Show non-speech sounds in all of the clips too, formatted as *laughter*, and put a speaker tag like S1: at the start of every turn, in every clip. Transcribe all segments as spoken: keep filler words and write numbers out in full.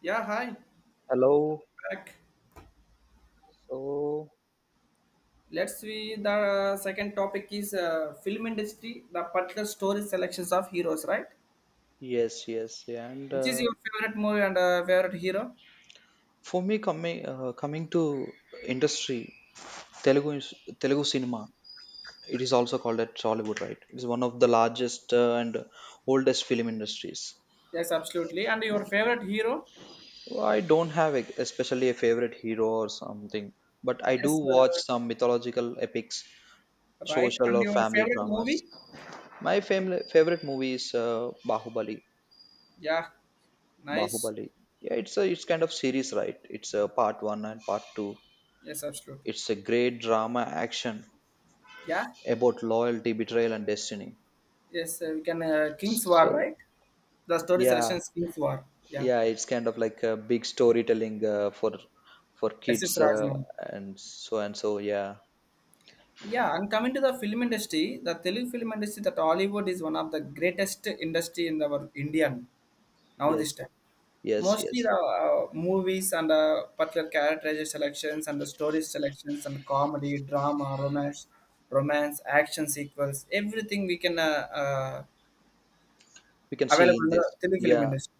S1: Yeah, hi.
S2: Hello.
S1: Back.
S2: So
S1: Let's see. The uh, second topic is uh, film industry, the particular story selections of heroes, right?
S2: yes, yes, yeah. and
S1: Which is
S2: uh,
S1: your favorite movie and uh, favorite hero?
S2: For me coming uh, coming to industry, Telugu is- Telugu cinema. It is also called at Tollywood, right? It is one of the largest uh, and oldest film industries.
S1: Yes, absolutely. And your favorite hero?
S2: So, I don't have a, especially a favorite hero or something, but I do
S1: Yes,
S2: watch
S1: uh,
S2: some mythological epics,
S1: right.
S2: social
S1: And
S2: or
S1: your
S2: family
S1: favorite
S2: dramas.
S1: movie?
S2: My family favorite movie is uh, Bahubali.
S1: Yeah, nice.
S2: Bahubali. Yeah, it's a it's kind of series, right? It's a part one and part two.
S1: Yes, absolutely.
S2: It's a great drama action
S1: Yeah,
S2: about loyalty, betrayal, and destiny.
S1: yes, uh, we can. Uh, King's War,
S2: So
S1: right? The story
S2: yeah,
S1: selections King's War. Yeah,
S2: yeah, it's kind of like a big storytelling uh, for for
S1: S
S2: kids uh,
S1: Rajmohan.
S2: And so and so. Yeah,
S1: Yeah, and coming to the film industry, the Telugu film industry, that Hollywood is one of the greatest industry in our Indian now this
S2: yes,
S1: time.
S2: yes,
S1: Mostly
S2: yes.
S1: the uh, movies and uh, particular characterization selections and the story selections and comedy, drama, romance, romance, action sequels, everything we can uh, uh,
S2: We can see
S1: available
S2: in
S1: in the
S2: this.
S1: Telugu film
S2: Yeah,
S1: industry.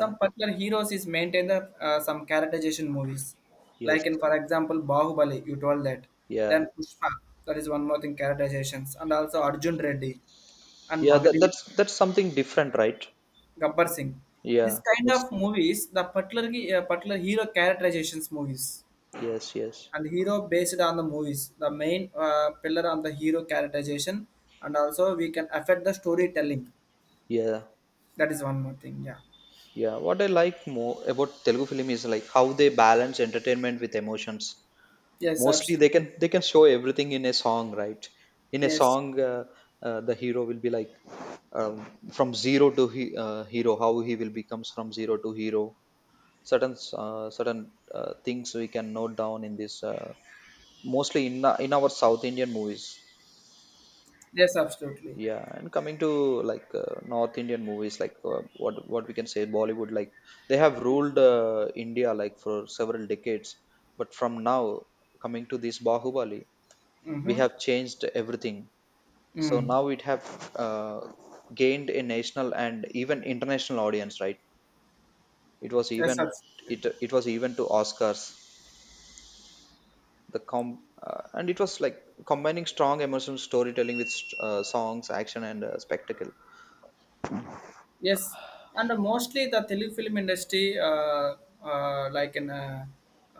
S1: Some particular heroes is maintained the, uh, some characterization movies, like
S2: yes,
S1: in for example Bahubali, you told that. Then
S2: yeah,
S1: Pushpa, that is one more thing characterizations, and also Arjun Reddy and
S2: yeah. That,
S1: Magadi
S2: that's that's something different, right?
S1: Gabbar Singh. This
S2: Yeah,
S1: kind
S2: that's
S1: of movies, the particular uh, particular hero characterizations movies
S2: yes, yes,
S1: and hero based on the movies, the main uh, pillar on the hero characterization, and also we can affect the storytelling.
S2: yeah,
S1: That is one more thing. Yeah.
S2: yeah. What I like more about Telugu film is like how they balance entertainment with emotions.
S1: Yes,
S2: Mostly they can
S1: absolutely.
S2: they can show everything in a song, right? In a
S1: Yes.
S2: song, uh, uh, the hero will be like, um, from zero to he, uh, hero, how he will becomes from zero to hero. Certain uh, certain uh, things we can note down in this uh, mostly in the- in our South Indian movies.
S1: Yes, absolutely.
S2: Yeah, and coming to like uh, North Indian movies, like uh, what what we can say, Bollywood. Like they have ruled uh, India like for several decades, but from now, coming to this Bahubali, we
S1: Mm-hmm.
S2: have changed everything. So
S1: Mm.
S2: now it have uh, gained a national and even international audience, right? It was
S1: Yes,
S2: even
S1: absolutely.
S2: it it was even to Oscars. The com uh, and it was like combining strong emotional storytelling with st- uh, songs, action, and uh, spectacle.
S1: Yes, and uh, mostly the Telugu film industry, uh, uh, like in uh,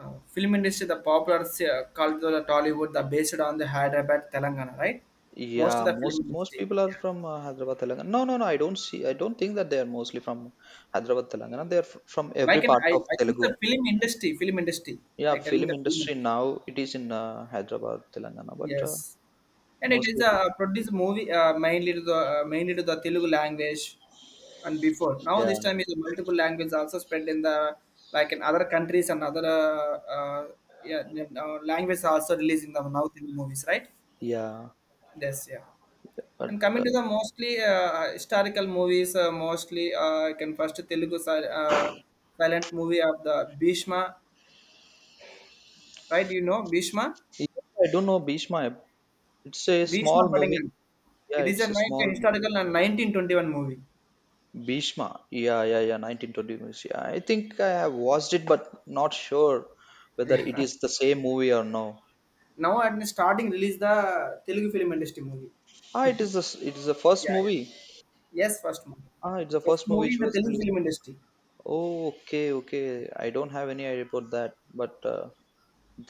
S1: uh, film industry, the popular se- uh, called the Tollywood, the based on the Hyderabad, Telangana, right? Most of
S2: Yeah,
S1: the film
S2: most most
S1: industry.
S2: people are
S1: Yeah.
S2: from uh, Hyderabad, Telangana. No, no, no. I don't see. I don't think that they are mostly from Hyderabad, Telangana. They are f- from every
S1: Like in,
S2: part
S1: I,
S2: of
S1: I think
S2: Telugu.
S1: the film industry, film industry.
S2: Yeah,
S1: I telling
S2: film
S1: the film
S2: industry
S1: industry.
S2: now it is in uh, Hyderabad, Telangana, but uh,
S1: Yes, and it is
S2: mostly it is,
S1: a produced movie uh, mainly to the uh, mainly to the Telugu language, and before now
S2: yeah,
S1: this time is multiple language also spread in the like in other countries and other uh, uh, yeah uh, language also released in the now Telugu movies, right?
S2: yeah.
S1: Yes, yeah. And
S2: But
S1: coming
S2: uh,
S1: to the mostly uh, historical movies, uh, mostly uh, I can first Telugu si- uh, silent movie of the Bhishma, right? You know Bhishma.
S2: yeah, I don't know Bhishma. It's a
S1: Bhishma
S2: small movie.
S1: Padingal.
S2: Yeah,
S1: It is a
S2: it's a
S1: like a
S2: small movie.
S1: historical and nineteen twenty-one movie.
S2: Bhishma. Yeah, yeah, yeah. nineteen twenty movies. Yeah, I think I have watched it, but not sure whether it
S1: Yeah.
S2: is the same movie or no.
S1: Now at the starting release the Telugu film industry movie.
S2: Ah, it is the s- it is the first
S1: Yeah, yeah.
S2: movie.
S1: Yes, first movie.
S2: Ah, it's the
S1: First
S2: first movie
S1: movie
S2: which
S1: in the
S2: was
S1: Telugu
S2: released.
S1: film industry.
S2: Oh, okay, okay. I don't have any idea about that, but uh,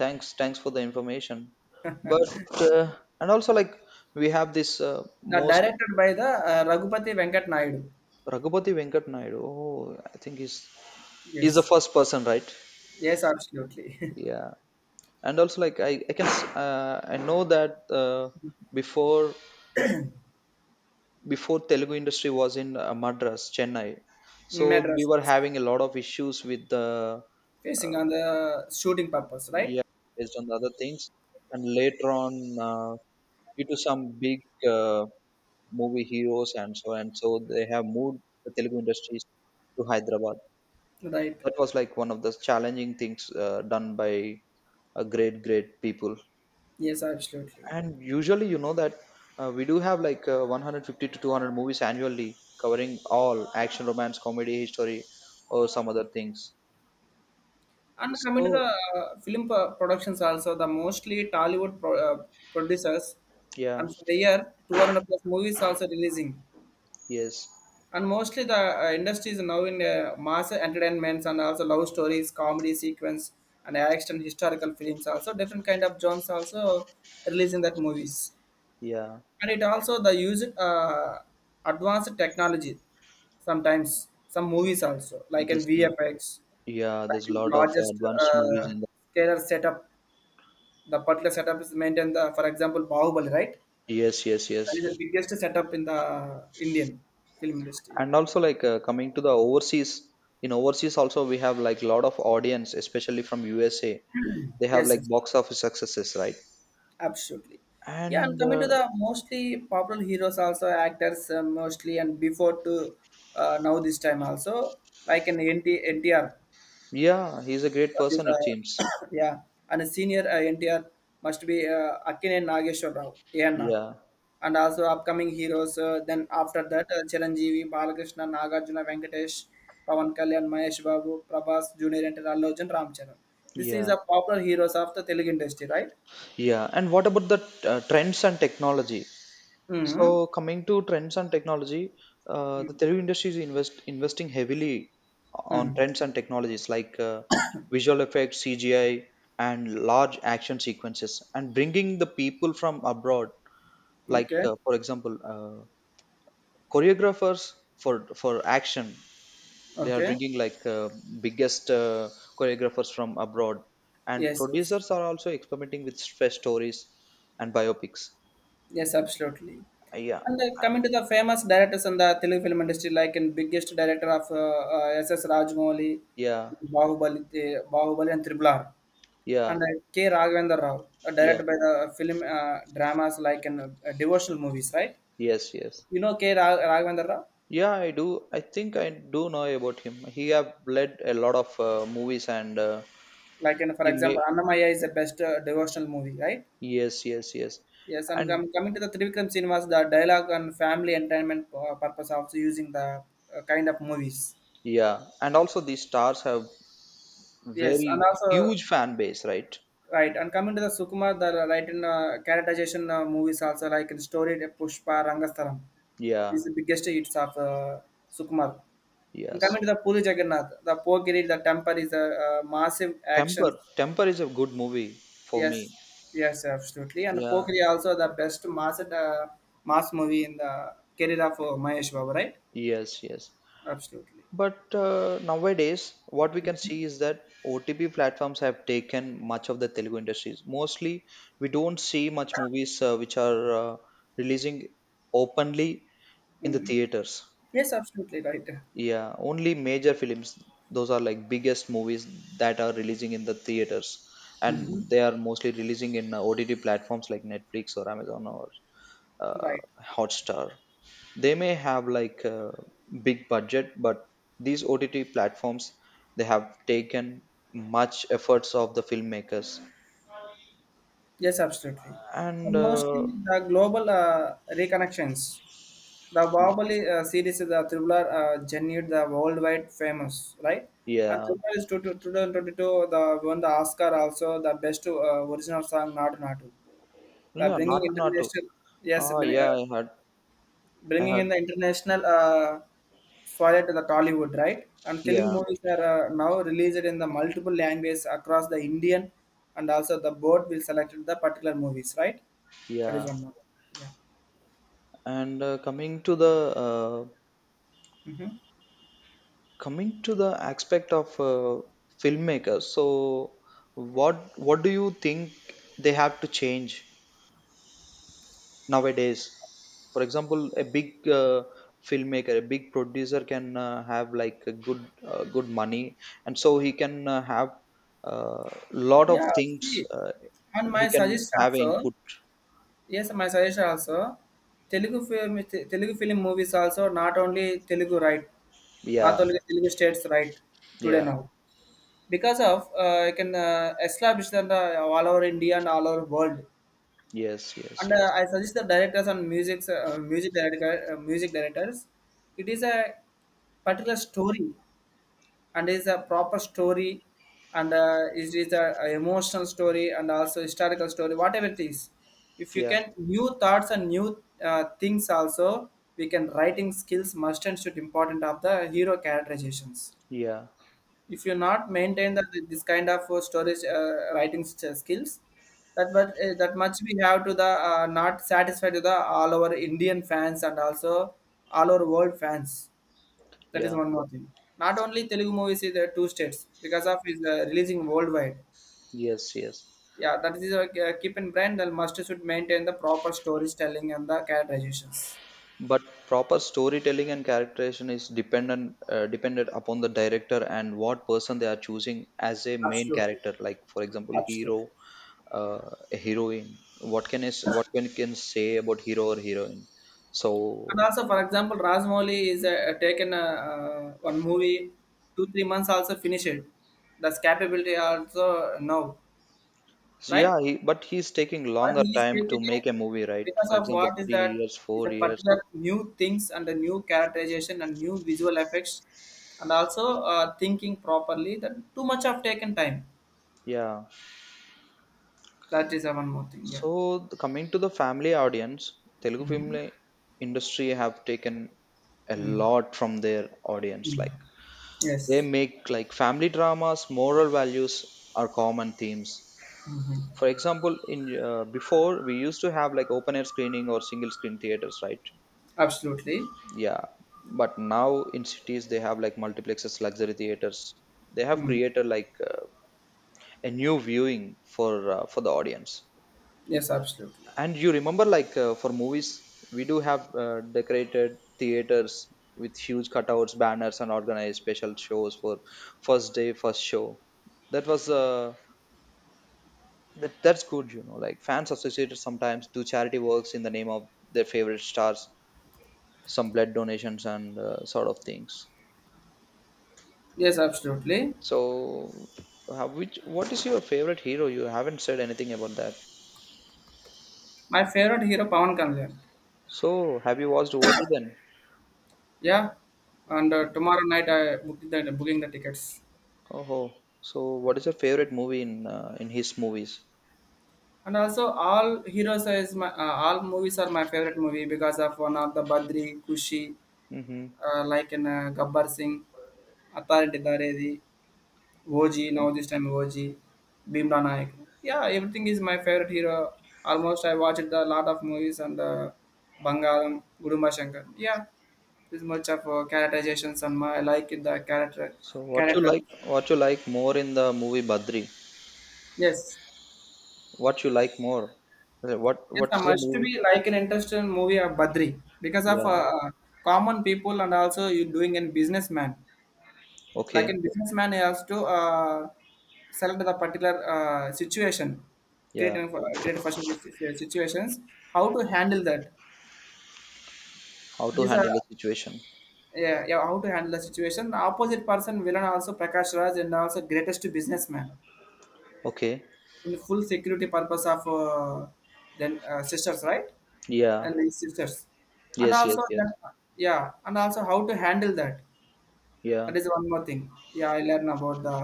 S2: thanks thanks for the information, but uh, and also like we have this uh,
S1: Now
S2: most.
S1: directed by the uh, Raghupati Venkat Naidu.
S2: Ragupati Venkat Naidu, oh, I think he's he's the
S1: Yes.
S2: first person, right?
S1: Yes, absolutely.
S2: Yeah. And also like I, I can s- uh, I know that uh, before before Telugu industry was in uh, Madras Chennai,
S1: *laughs*
S2: so we
S1: Madras,
S2: were
S1: yes.
S2: having a lot of issues with the
S1: Facing
S2: uh,
S1: on the shooting purpose, right?
S2: yeah, based on the other things, and later on, uh, due to some big, uh, movie heroes and so and so, they have moved the Telugu industries to Hyderabad.
S1: Right.
S2: That was like one of the challenging things uh, done by a great great people.
S1: Yes, absolutely.
S2: And usually, you know that uh, we do have like uh, one hundred fifty to two hundred movies annually covering all action, romance, comedy, history, or some other things.
S1: And coming to
S2: So
S1: the uh, film pro- productions also, the mostly Tollywood pro- uh, producers,
S2: yeah,
S1: and for the year, two hundred plus movies also releasing.
S2: yes,
S1: And mostly the uh, industry is now in uh, mass entertainments and also love stories, comedy sequence, and action historical films also, different kind of genres also releasing that movies.
S2: yeah.
S1: And it also the use uh, advanced technology sometimes some movies also like in
S2: There's
S1: V F X,
S2: Yeah,
S1: like
S2: there's a
S1: in
S2: lot of uh,
S1: largest
S2: advanced movies
S1: uh,
S2: in the
S1: scalar setup. The particular setup is maintained the, for example Bahubali, right?
S2: yes, yes,
S1: That is the
S2: yes.
S1: biggest setup in the Indian film industry. Yeah.
S2: And also like uh, coming to the overseas, in overseas also we have like lot of audience, especially from U S A. They have
S1: Yes,
S2: like
S1: yes,
S2: box office successes, right?
S1: absolutely. Yeah, and
S2: And
S1: coming to
S2: uh,
S1: the mostly popular heroes also actors uh, mostly and before to uh, now this time also like in N T N T R.
S2: yeah, he's a great
S1: That is,
S2: person, it
S1: uh,
S2: seems.
S1: *coughs* yeah. And a senior uh, N T R must be uh, Akkinen Nageshwar Rao, A N R.
S2: Yeah,
S1: And also upcoming heroes. Uh, then after that, uh, Chiranjeevi, Balakrishna, Nagarjuna, Venkatesh, Pavan Kalyan, Mahesh Babu, Prabhas Junior, and Allu Arjun, Ram Charan. This is
S2: yeah,
S1: a popular heroes of the Telugu industry, right?
S2: yeah. And what about the uh, trends and technology? So
S1: Mm-hmm.
S2: coming to trends and technology, uh, the
S1: Mm-hmm.
S2: Telugu industry is invest investing heavily on
S1: Mm-hmm.
S2: trends and technologies like, uh, visual effects, C G I, and large action sequences, and bringing the people from abroad, like
S1: Okay.
S2: uh, for example uh, choreographers for for action. They are
S1: Okay.
S2: bringing like uh, biggest uh, choreographers from abroad, and
S1: Yes. Yes.
S2: producers are also experimenting with fresh stories and biopics.
S1: Yes, absolutely.
S2: Uh, yeah
S1: And uh, coming to the famous directors in the Telugu film industry, like in biggest director of uh, uh, S S. Rajamouli,
S2: yeah
S1: Bahubali, uh, Bahubali and Triple R,
S2: yeah
S1: and uh, K. Raghavendra Rao, uh,
S2: yeah
S1: directed by the film uh, dramas like in uh, devotional movies, right?
S2: yes yes
S1: You know K. Ra- Raghavendra Rao?
S2: yeah, I do. I think I do know about him. He have led a lot of uh, movies and uh,
S1: Like in, for
S2: he
S1: example,
S2: made,
S1: Annamaya is the best uh, devotional movie, right?
S2: yes, yes, yes.
S1: Yes, and
S2: And
S1: com- coming to the Trivikram cinemas, the dialogue and family entertainment uh, purpose also using the uh, kind of movies.
S2: yeah. And also these stars have
S1: Yes, and
S2: very
S1: also.
S2: huge fan base, right?
S1: Right, and coming to the Sukumar, the right in uh, characterization uh, movies also like in story uh, Pushpa Rangastharam
S2: Yeah.
S1: is the biggest hits of uh, Sukumar. And coming
S2: Yes.
S1: to the Puri Jagannath, the Pokiri, the temper is a uh, massive action.
S2: Temper. Temper is a good movie for me.
S1: Yes, yes, absolutely. And
S2: Yeah.
S1: Pokiri also the best mass uh, mass movie in the career of uh, Mahesh Babu, right?
S2: Yes, yes.
S1: Absolutely.
S2: But uh, nowadays, what we can see is that O T P platforms have taken much of the Telugu industries. Mostly, we don't see much movies uh, which are uh, releasing openly in the
S1: Mm.
S2: theaters.
S1: Yes, absolutely right.
S2: Yeah, only major films, those are like biggest movies that are releasing in the theaters.
S1: Hmm.
S2: And they are mostly releasing in uh, O T T platforms like Netflix or Amazon or uh,
S1: Right.
S2: Hotstar. They may have like a big budget, but these O T T platforms they have taken much efforts of the filmmakers.
S1: Yes, absolutely.
S2: And
S1: And mostly
S2: uh,
S1: the global uh, reconnections. The
S2: yeah,
S1: Bahubali uh, series, the Thriller, uh, generated the worldwide famous, right? And
S2: yeah,
S1: Thriller is twenty twenty-two, the won the Oscar also, the best uh, original song, Nadu Nadu. The
S2: yeah,
S1: bringing
S2: not not to.
S1: international, yes,
S2: Ah,
S1: bring-
S2: yeah,
S1: uh,
S2: I had, I
S1: bringing
S2: had,
S1: in the international uh, soil to the Tollywood, right? And Telugu
S2: yeah,
S1: movies are uh, now released in the multiple languages across the Indian, and also the board will select the particular movies, right? That is
S2: yeah.
S1: one more. Yeah.
S2: And uh, coming to the uh,
S1: Mhm.
S2: coming to the aspect of uh, filmmakers, so what what do you think they have to change nowadays? For example, a big, uh, filmmaker, a big producer can uh, have like a good uh, good money, and so he can uh, have a, uh, lot of
S1: Yeah,
S2: things
S1: see,
S2: uh,
S1: and my
S2: he can
S1: suggestion
S2: have
S1: also,
S2: input,
S1: yes, my suggestion also, Telugu film, Te- Telugu film movies also, not only Telugu, right? Not
S2: yeah,
S1: only Telugu states, right? Today
S2: yeah,
S1: now, because of uh, I can uh, establish that uh, all over India and all over world,
S2: yes, yes,
S1: and
S2: yes,
S1: uh, I suggest the directors and music, uh, music director, uh, music directors, it is a particular story and is a proper story and uh, it is a, a emotional story and also historical story whatever it is if you
S2: yeah,
S1: can new thoughts and new uh, things also we can writing skills must and should important of the hero characterizations
S2: yeah,
S1: if you not maintain that this kind of uh, storage uh, writing st- skills that but uh, that much we have to the uh, not satisfied to the all our Indian fans and also all our world fans. That is
S2: yeah,
S1: one more thing. Not only Telugu movies is the two states because of is uh, releasing worldwide.
S2: yes, yes.
S1: Yeah, that is uh, uh, keep in mind that must should maintain the proper storytelling and the characterizations.
S2: But proper storytelling and characterization is dependent, uh, dependent upon the director and what person they are choosing as a main
S1: Absolutely.
S2: character, like for example hero,
S1: Absolutely.
S2: uh, a heroine. What can is what can can say about hero or heroine? So,
S1: And also, for example, Rajmouli is uh, taken uh, uh, one movie two three months also finish it. That's capability also now,
S2: so
S1: right?
S2: yeah, he, but he's taking
S1: But
S2: longer
S1: he is
S2: time to
S1: taken a
S2: make a movie, right?
S1: because
S2: For
S1: of
S2: example,
S1: what is
S2: three
S1: that
S2: years,
S1: is a
S2: four years.
S1: particular new things and the new characterization and new visual effects and also uh, thinking properly that too much of taken time.
S2: Yeah.
S1: That is uh, one more thing. Yeah.
S2: So the- coming to the family audience, Telugu film
S1: Mhm.
S2: industry have taken a
S1: Mm.
S2: lot from their audience.
S1: Mm.
S2: Like they
S1: Yes.
S2: make like family dramas, moral values are common themes.
S1: Hmm.
S2: For example, in uh, before we used to have like open air screening or single screen theaters, right?
S1: Absolutely.
S2: Yeah, but now in cities they have like multiplexes, luxury theaters. They have
S1: Mm.
S2: created like uh, a new viewing for uh, for the audience.
S1: Yes, absolutely.
S2: And you remember like uh, for movies, we do have uh, decorated theaters with huge cutouts, banners, and organized special shows for first day, first show. That was uh, that, that's good, you know. Like fans associated sometimes do charity works in the name of their favorite stars, some blood donations and uh, sort of things.
S1: Yes, absolutely.
S2: So, how, which what is your favorite hero? You haven't said anything about that.
S1: My favorite hero, Pawan Kalyan.
S2: So, have you watched O G then?
S1: Yeah. And uh, tomorrow night, I booked the, booking the tickets.
S2: Oh, so what is your favorite movie in uh, in his movies?
S1: And also all heroes is my uh, all movies are my favorite movie because of one of the Badri Kushi,
S2: Mm-hmm.
S1: uh, like in uh, Gabbar Singh, Authority Daredi, O G. Now this time O G, Bhimla Naik. Yeah, everything is my favorite hero. Almost I watched a lot of movies and uh, Bangalam Gudumba Shankar. Yeah, this much of uh, characterizations and my I like the character
S2: So, what you
S1: character
S2: like? What you like more in the movie Badri?
S1: Yes.
S2: What you like more? Uh, What
S1: Yes, I
S2: What's the
S1: must
S2: movie?
S1: be like an interesting movie of Badri because of
S2: Yeah.
S1: uh, uh, common people and also you doing in businessman. Like
S2: Okay.
S1: in businessman, he has to uh, select the particular uh, situation, create
S2: Yeah.
S1: for create first situations. How to handle that?
S2: How
S1: It
S2: to
S1: is a,
S2: handle the situation?
S1: yeah, yeah, how to handle the situation. The opposite person, villain also Prakash Raj and also greatest businessman.
S2: Okay.
S1: In the full security purpose of uh, then uh, sisters, right?
S2: Yeah.
S1: And the sisters and
S2: Yes. Yes.
S1: also
S2: Yes.
S1: that, yeah, and also how to handle that.
S2: Yeah.
S1: That is one more thing. Yeah, i learn about the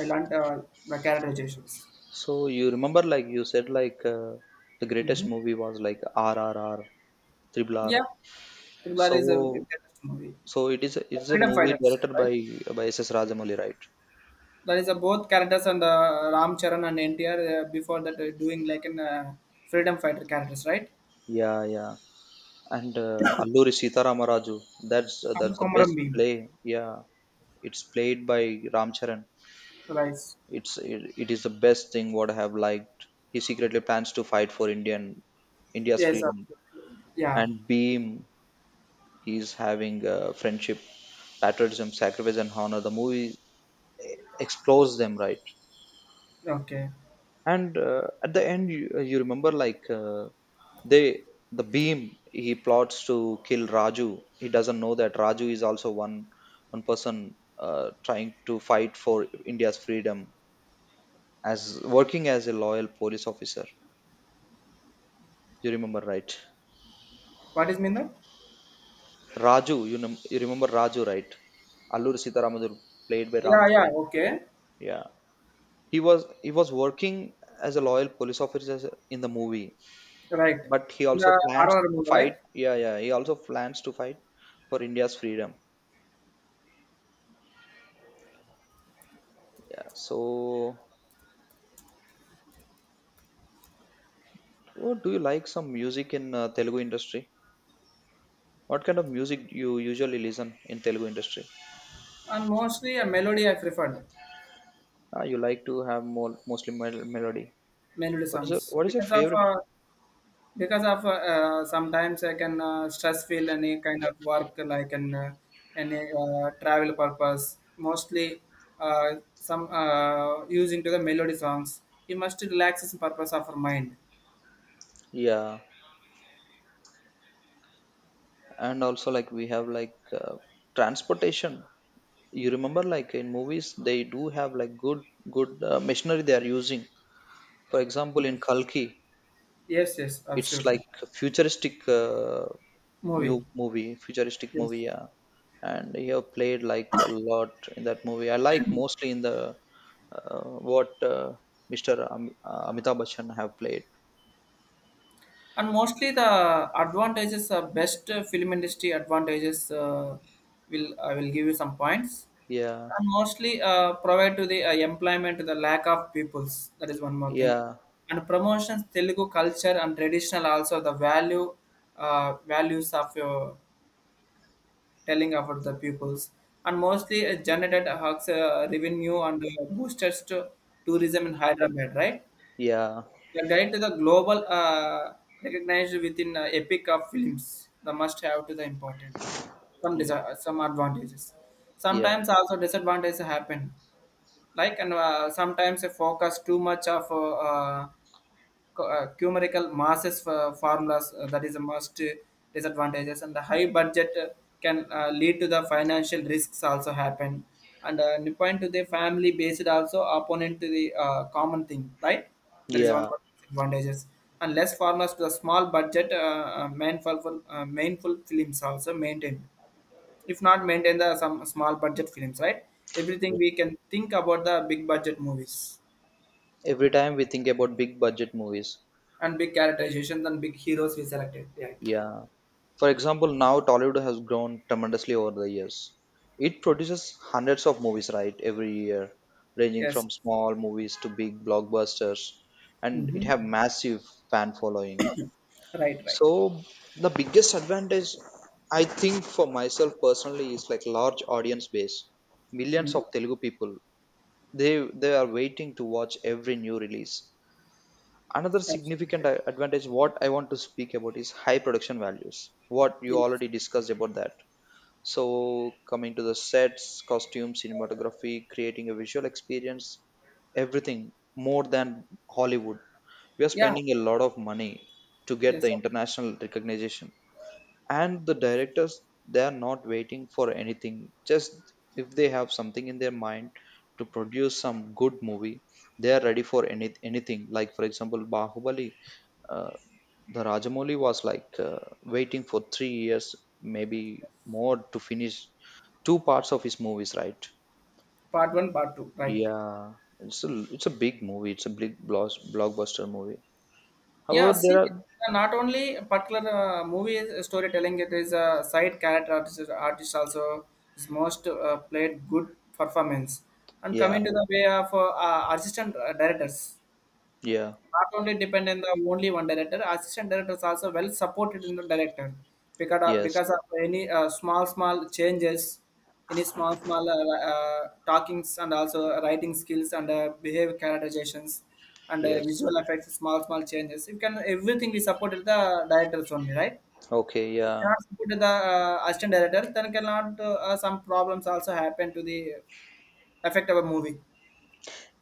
S1: I learned uh, the characterizations.
S2: So you remember, like you said, like uh, the
S1: Mm-hmm.
S2: greatest movie was like R R R. Triple R.
S1: Yeah, Tribhular
S2: So
S1: is a interesting movie,
S2: so it is a,
S1: the
S2: it's a
S1: freedom
S2: movie
S1: fighters,
S2: directed by
S1: right?
S2: by S S Rajamouli, right?
S1: That is a both characters and uh, Ram Charan and NTR, uh, before that uh, doing like an uh, freedom fighter characters, right?
S2: Yeah, yeah. And uh, Alluri Sitaramaraju. That's uh,
S1: And
S2: that's the
S1: Komaram
S2: best
S1: Beam,
S2: play. Yeah, it's played by Ram Charan.
S1: right?
S2: It's it, it is the best thing what I have liked. He secretly plans to fight for Indian India's
S1: Yes,
S2: freedom
S1: absolutely. Yeah.
S2: and Beam. He's having uh, friendship, patriotism, sacrifice, and honor. The movie explores them, right?
S1: Okay.
S2: And uh, at the end you, uh, you remember like uh, they, the Beam, he plots to kill Raju. He doesn't know that Raju is also one one person uh, trying to fight for India's freedom, as working as a loyal police officer. You remember, right?
S1: What is Minna?
S2: Raju, you know, you remember Raju, right? Allur Sitaramaduru, played by Ram
S1: Yeah, yeah,
S2: Charan.
S1: okay.
S2: Yeah. He was, he was working as a loyal police officer in the movie,
S1: Right.
S2: but he also
S1: The R
S2: plans
S1: R
S2: to
S1: mode, right?
S2: fight, yeah, yeah, he also plans to fight for India's freedom. Yeah. So what do you like, some music in uh, Telugu industry? What kind of music you usually listen in Telugu industry?
S1: And mostly a melody I preferred,
S2: Ah, you like to have more, mostly mel- melody.
S1: melody
S2: What is your
S1: songs.
S2: what is your
S1: Because of
S2: favorite?
S1: uh, because of uh, uh, sometimes I can uh, stress feel any kind of work like an uh, any uh, travel purpose. Mostly uh, some uh, using to the melody songs. You must relax the purpose of our mind.
S2: Yeah. And also like we have like uh, transportation. You remember like in movies they do have like good good uh, machinery they are using, for example
S1: Yes.
S2: in Kalki.
S1: Yes, yes,
S2: It's
S1: absolutely.
S2: like futuristic, uh,
S1: Movie.
S2: mu- movie, futuristic
S1: Yes.
S2: movie, yeah. And he have played like a lot in that movie. I like mostly in the uh, what uh, mister Am- uh, Amitabh Bachchan have played.
S1: And mostly the advantages, uh, best uh, film industry advantages, uh, will I will give you some points.
S2: Yeah,
S1: And mostly uh, provide to the uh, employment to the lack of peoples. That is one more thing.
S2: yeah,
S1: And promotions Telugu culture and traditional also the value uh, values of your telling about the pupils. And mostly uh, generated uh, revenue and uh, boosters to tourism in Hyderabad, right?
S2: yeah,
S1: The guide to the global uh, recognized within uh, epic of films. The must have to the important. Some
S2: yeah,
S1: desi- some advantages.
S2: yeah,
S1: Sometimes also disadvantages happen. Like and uh, Sometimes they focus too much of uh, uh, cu- uh, numerical masses for formulas uh, that is the most uh, disadvantages, and the high budget uh, can uh, lead to the financial risks also happen. And uh, new point to the family based also opponent to the uh, common thing, right? That is one of
S2: yeah.
S1: the disadvantages. And less formulas to the small budget uh, uh, mindful uh, mindful films also maintain, if not maintain the some small budget films, right? Everything we can think about the big budget movies
S2: Every time we think about big budget movies.
S1: and big characterizations and big heroes we selected, right?
S2: Yeah. For example, now Tollywood has grown tremendously over the years. It produces hundreds of movies, right, every year, ranging
S1: Yes.
S2: from small movies to big blockbusters, and it
S1: Hmm.
S2: have massive fan following.
S1: Right, right.
S2: So the biggest advantage I think for myself personally is like large audience base. Millions
S1: Hmm.
S2: of Telugu people, they they are waiting to watch every new release. Another significant
S1: Absolutely.
S2: a- advantage what I want to speak about is high production values, what you
S1: Yes.
S2: already discussed about that. So coming to the sets, costumes, cinematography, creating a visual experience, everything more than Hollywood, we are
S1: Yeah.
S2: spending a lot of money to get
S1: Yes.
S2: the
S1: Of
S2: international recognition. And the
S1: course.
S2: directors, they are not waiting for anything. Just if they have something in their mind to produce some good movie, they are ready for any anything. Like for example, Bahubali, uh, the Rajamouli was like uh, waiting for three years, maybe
S1: Yes.
S2: more, to finish two parts of his movies, right?
S1: Part one, part two. Right.
S2: Yeah, it's a it's a big movie. It's a big blos- blockbuster movie.
S1: Yeah.
S2: However, there
S1: See,
S2: are
S1: uh, not only particular uh, movie is- storytelling, it is a side character artist, artist also is most uh, played good performance. And
S2: yeah,
S1: coming to the way of uh, uh, assistant uh, directors.
S2: yeah,
S1: Not only depend on the only one director, assistant director is also well supported in the director, because of,
S2: yes,
S1: because of any uh, small small changes, any small small uh, uh, talkings and also writing skills and uh, behavior characterizations and uh,
S2: yes,
S1: visual effects, small small changes you can everything we supported the directors only, right?
S2: okay,
S1: If you
S2: yeah,
S1: cannot support the uh, assistant director, then cannot uh, uh, some problems also happen to the effect of a movie.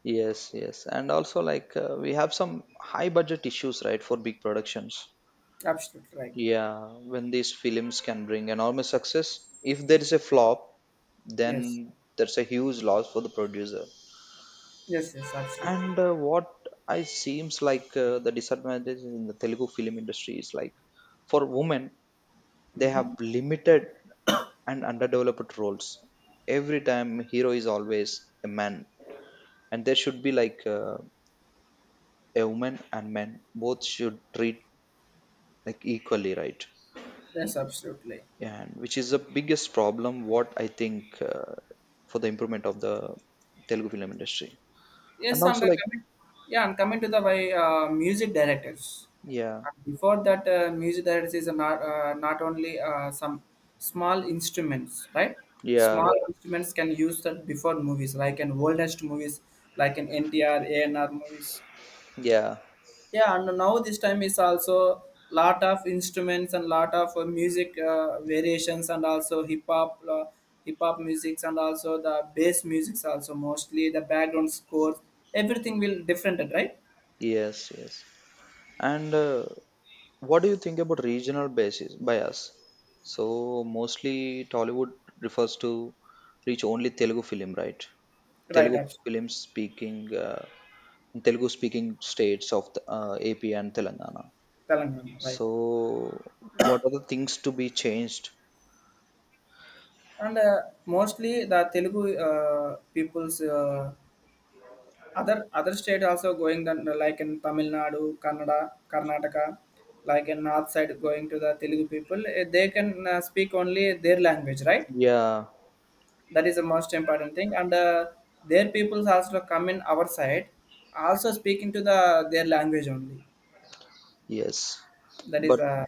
S2: yes, yes. And also like uh, we have some high budget issues, right, for big productions.
S1: Absolutely right.
S2: Yeah, when these films can bring enormous success, if there is a flop,
S1: Yes,
S2: then there's a huge loss for the producer.
S1: yes, yes, absolutely.
S2: And uh, what I seems like uh, the disadvantage in the Telugu film industry is like for women, they have limited and underdeveloped roles. Every time hero is always a man, and there should be like uh, a woman and men both should treat like equally, right?
S1: Yes, absolutely.
S2: And which is the biggest problem. What I think. Uh, for the improvement of the Telugu film industry. And
S1: Yes, and
S2: also,
S1: uh,
S2: like,
S1: coming, yeah, and coming to the way uh, music directors.
S2: yeah,
S1: And before that, uh, music directors is not uh, not only uh, some small instruments, right? Small.
S2: yeah,
S1: Yeah. Instruments can use that before movies, like in oldest movies, like in N T R, A N R movies.
S2: yeah,
S1: Yeah. And now this time is also lot of instruments and lot of uh, music uh, variations and also hip hop uh, hip hop musics and also the bass musics, also mostly the background scores, everything will different, right?
S2: yes, yes. And uh, what do you think about regional basis bias? So mostly Tollywood refers to reach only Telugu film, right?
S1: Right,
S2: Telugu
S1: abs-.
S2: film speaking, uh, Telugu speaking states of the, uh, A P and Telangana.
S1: Telangana. Right.
S2: So what are the things to be changed?
S1: And uh, mostly the telugu uh, people's, uh, other other state also going, then like in Tamil Nadu, Kannada, Karnataka, like in north side going to the Telugu people, eh, they can uh, speak only their language, right?
S2: Yeah,
S1: That is the most important thing. And uh, their peoples also come in our side, also speaking to the their language only.
S2: yes,
S1: That is
S2: but
S1: uh,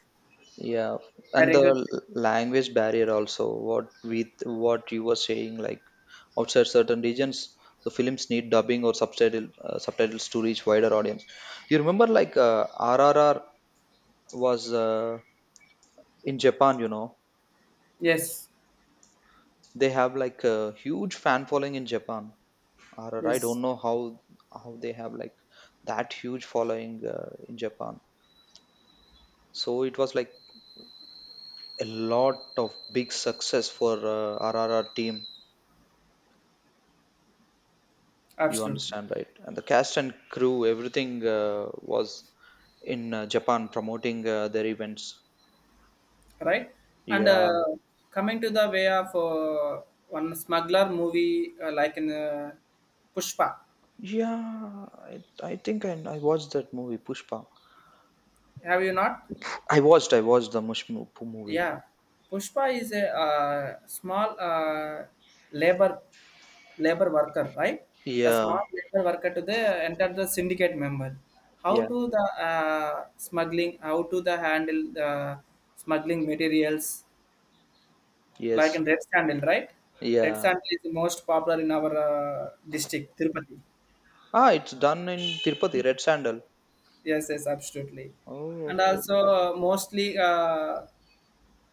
S2: yeah,
S1: I
S2: and the
S1: regret.
S2: l- language barrier also. What with what you were saying, like outside certain regions, the films need dubbing or subtitle uh, subtitles to reach wider audience. You remember, like uh, R R R was uh, in Japan. You know,
S1: Yes,
S2: they have like a huge fan following in Japan. R R R, I
S1: yes,
S2: don't know how how they have like that huge following uh, in Japan. So it was like a lot of big success for uh, R R R team. You
S1: absolutely,
S2: understand, right? And the cast and crew, everything uh, was in uh, Japan promoting uh, their events.
S1: right. And
S2: Yeah,
S1: uh, coming to the way of uh, one smuggler movie, uh, like in uh, Pushpa.
S2: yeah. I, I think I, I watched that movie Pushpa.
S1: Have you not?
S2: I watched, I watched the Mush mo- movie.
S1: Yeah. Pushpa is a uh, small uh, labor labor worker, right? The
S2: Yeah,
S1: small labor worker to the enter the syndicate member. How
S2: yeah,
S1: to the uh, smuggling? How to the handle the smuggling materials, like
S2: yes,
S1: in red sandal, right? Red
S2: yeah.
S1: sandal is the most popular in our uh, district, Tirupati.
S2: Ah, it's done in Tirupati, red sandal.
S1: Yes, yes, absolutely.
S2: Oh,
S1: And
S2: okay,
S1: also
S2: okay.
S1: uh, mostly uh,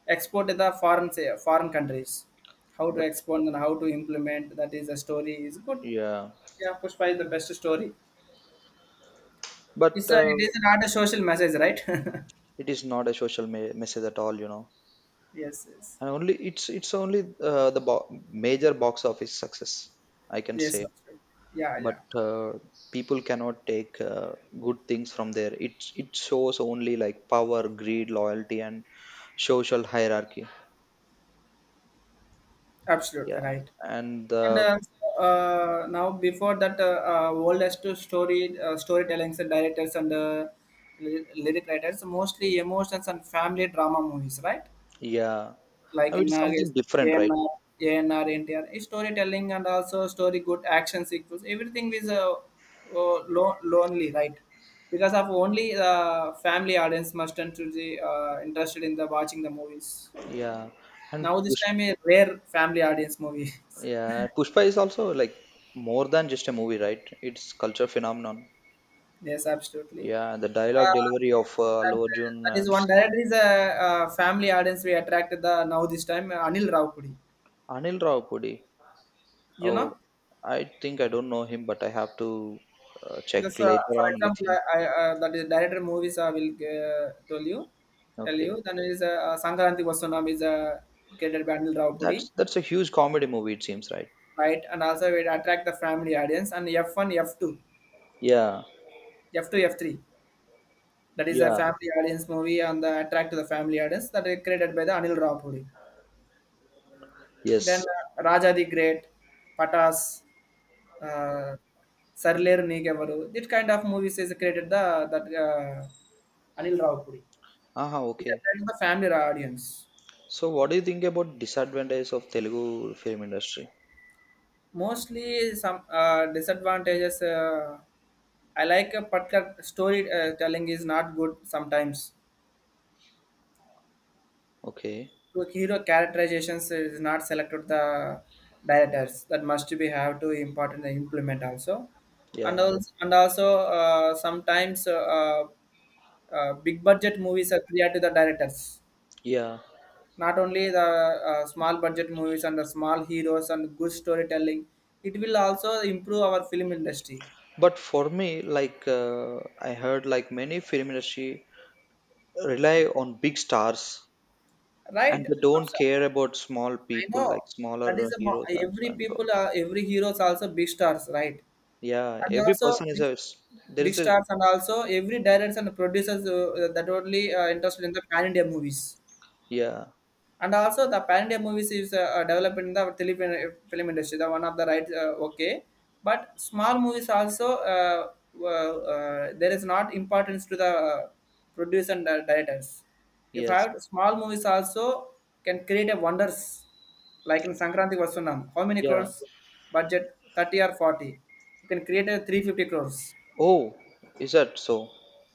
S1: export to the foreign, say, foreign countries. How to
S2: But
S1: export and how to implement, that is a story is good.
S2: yeah,
S1: Yeah, Pushpa is the best story.
S2: but
S1: It's a,
S2: uh,
S1: it is not a social message, right? *laughs*
S2: it is not a social me- message at all, you know.
S1: Yes, yes,
S2: And only it's it's only uh, the bo- major box office success, I can say.
S1: yes, absolutely. Yeah, yeah,
S2: But uh, people cannot take uh, good things from there. it it shows only like power, greed, loyalty and social hierarchy. Yeah,
S1: absolutely right.
S2: and
S1: And
S2: uh,
S1: uh, so, uh, now before that, uh, uh, oldest to story uh, storytellings and directors and uh, ly- lyric writers mostly emotions and family drama movies, right?
S2: yeah,
S1: Like
S2: now it
S1: in
S2: is
S1: Nagesh,
S2: something different, right?
S1: ANR, A N R, N T R, eh, storytelling and also story good action sequels. Everything is uh, uh, lo- lonely, right? Because of only the family audience must turn to the uh, interested in the watching the movies.
S2: Yeah, and
S1: Now this
S2: Pushpa,
S1: time a rare family audience movie.
S2: yeah, Pushpa is also like more than just a movie, right? It's culture phenomenon.
S1: *laughs* Yes, absolutely.
S2: Yeah, the dialogue
S1: Uh,
S2: delivery of uh,
S1: that,
S2: Allu Arjun
S1: that is
S2: and
S1: one director is a, uh, family audience we attracted the now this time uh, Anil Raupudi.
S2: Anil Rawpudi.
S1: You
S2: Oh,
S1: know.
S2: I think I don't know him, but I have to uh, check
S1: Just uh,
S2: later
S1: for
S2: on with
S1: example,
S2: him.
S1: I, I uh, that is director movies I will uh, tell you, tell
S2: Okay.
S1: you. Then is uh, Sankranti Vasanam is a created by Anil Raupudi,
S2: That's that's a huge comedy movie, it seems, right?
S1: right? And also it attract the family audience. And F one, F two
S2: Yeah,
S1: F two, F three, that is a
S2: yeah,
S1: family audience movie and the attract to the family audience that is created by the Anil Raupudi. Then
S2: yes.
S1: uh, Raja the Great, Patas, uh, Sarler Nigavaru. This kind of movies is created the that uh, Anil Raupudi.
S2: Aha,
S1: It
S2: okay.
S1: attracts the family audience.
S2: So, what do you think about disadvantages of Telugu film industry?
S1: Mostly some uh, disadvantages. Uh, I like a particular story uh, telling is not good sometimes.
S2: Okay,
S1: To hero characterizations is not selected the directors, that must be have to important and implement also, and
S2: yeah,
S1: also and also uh, sometimes uh, uh, big budget movies are clear to the directors.
S2: yeah.
S1: Not only the uh, small budget movies and the small heroes and good storytelling, it will also improve our film industry.
S2: But for me, like uh, I heard, like many film industry rely on big stars, and
S1: Right?
S2: they
S1: Abs-.
S2: don't care about small
S1: I
S2: people, like
S1: know. That
S2: smaller
S1: is
S2: uh,
S1: the mo-
S2: heroes and
S1: every
S2: so and so.
S1: people are every heroes also big stars, right?
S2: Yeah,
S1: And
S2: every
S1: also
S2: person is
S1: big,
S2: a s- there
S1: big
S2: is a
S1: stars and also every directors and producers uh, that only uh, interested in the pan India movies.
S2: yeah,
S1: And also the Pan-India movies is uh, uh, developed in the tele- film film industry, the one of the right, uh, okay. But small movies also, uh, uh, uh, there is not importance to the uh, producer and uh, directors. If I
S2: yes,
S1: have small movies also can create a wonders, like in Sankranti Vasunam, how many
S2: yeah.
S1: crores budget, thirty or forty? You can create a three hundred fifty crores.
S2: Oh, is that so?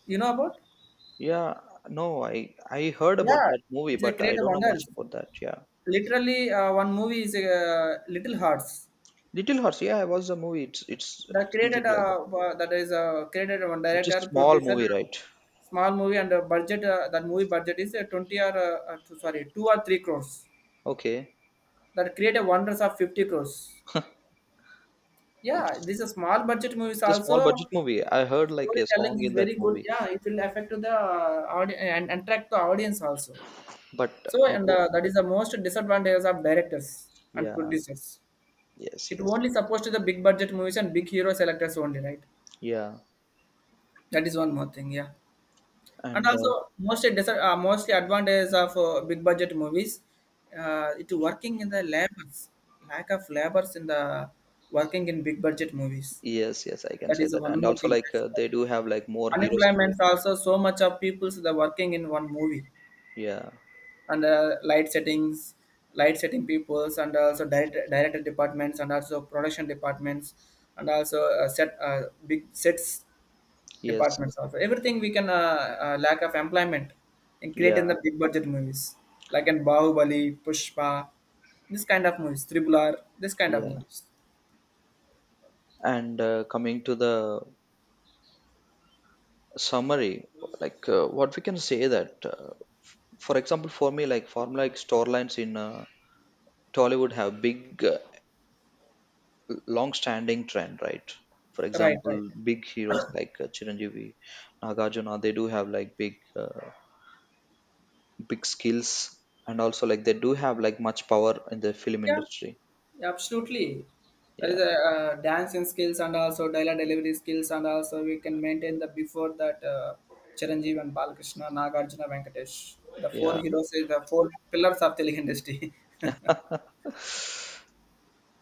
S1: You know about?
S2: Yeah, no, I I heard about
S1: Yeah,
S2: that movie,
S1: it's a
S2: but I
S1: creative
S2: don't know much
S1: wonders.
S2: about that. Yeah,
S1: Literally, uh, one movie is uh, Little Hearts.
S2: Little Horse. Yeah, I watched the movie. It's it's
S1: The created
S2: something like
S1: uh, wa- that is uh, created one
S2: it's a
S1: director,
S2: small
S1: producer,
S2: movie, right?
S1: small movie and a budget. Uh, that movie budget is uh, twenty or uh, uh, two- sorry, two or three crores.
S2: Okay,
S1: That create a wonders of fifty crores. Yeah,
S2: it's
S1: this is a small budget movies
S2: it's a small budget
S1: also.
S2: movie. I heard like a
S1: Storytelling
S2: song
S1: is
S2: in
S1: very
S2: that
S1: good.
S2: movie,
S1: Yeah, it will affect to the uh, audience and and attract the audience also.
S2: but
S1: So
S2: I
S1: and
S2: don't.
S1: uh, that is the most disadvantages of directors and
S2: Yeah,
S1: producers.
S2: yes,
S1: It
S2: yes,
S1: only supposed to the big budget movies and big hero selectors only, right?
S2: yeah,
S1: That is one more thing. Yeah. And
S2: and
S1: also,
S2: uh,
S1: mostly dis- uh, mostly advantages of uh, big budget movies, uh, it working in the labors, lack of labors in the working in big budget movies.
S2: yes, yes, I can
S1: That
S2: say
S1: is
S2: that.
S1: one
S2: And
S1: more
S2: also
S1: thing.
S2: like uh, they do have like more heroes and
S1: Unemployment
S2: villains.
S1: also, so much of people's the working in one movie
S2: Yeah,
S1: and uh, light settings, light setting peoples and also director director departments and also production departments and also uh, set uh, big sets
S2: yes,
S1: departments also, everything we can uh, uh, lack of employment and create in
S2: yeah,
S1: the big budget movies, like in bahubali, pushpa, this kind of movies, tribular, this kind of
S2: yeah.
S1: movies.
S2: And uh, coming to the summary, like uh, what we can say that. Uh, For example, for me, like formula like store lines in uh, Tollywood have big, uh, long-standing trend, right? For
S1: Right, right.
S2: example, big heroes like uh, Chiranjeevi, Nagarjuna, they do have like big, uh, big skills, and also like they do have like much power in the film
S1: Yeah,
S2: industry.
S1: yeah, absolutely. There
S2: Yeah,
S1: is a uh, dancing skills and also dialogue delivery skills, and also we can maintain the before that uh, chiranjeev and balakrishna, nagarjuna, venkatesh, the four
S2: yeah.
S1: heroes is the four pillars of telugu industry.
S2: *laughs*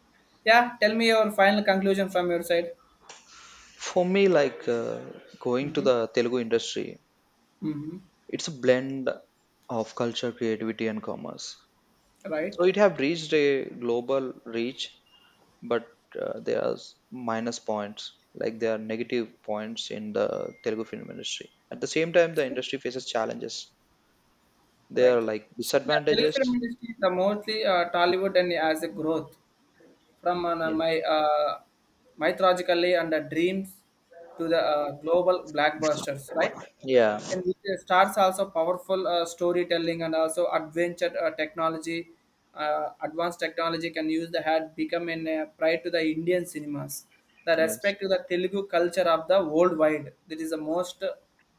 S1: *laughs* Yeah, tell me your final conclusion from your side.
S2: For me, like uh, going to
S1: Hmm.
S2: the Telugu industry,
S1: Hmm.
S2: it's a blend of culture, creativity, and commerce.
S1: Right.
S2: So it have reached a global reach, but uh, there are s- minus points, like there are negative points in the Telugu film industry. At the same time, the industry faces challenges. There
S1: Right.
S2: are like
S1: See, the Telugu film
S2: disadvantages,
S1: industry, the mostly uh, Tollywood, and as a growth from uh,
S2: yeah,
S1: my uh, mythologically and uh, dreams to the uh, global blockbusters, right?
S2: yeah,
S1: And which stars also powerful uh, storytelling and also adventure uh, technology, uh, advanced technology can use the had become in uh, pride to the Indian cinemas. The
S2: yes,
S1: respect to the Telugu culture of the worldwide. That is the most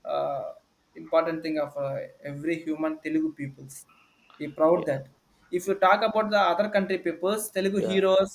S1: uh, important thing of uh, every human Telugu peoples be proud
S2: yeah,
S1: that if you talk about the other country peoples telugu
S2: yeah.
S1: heroes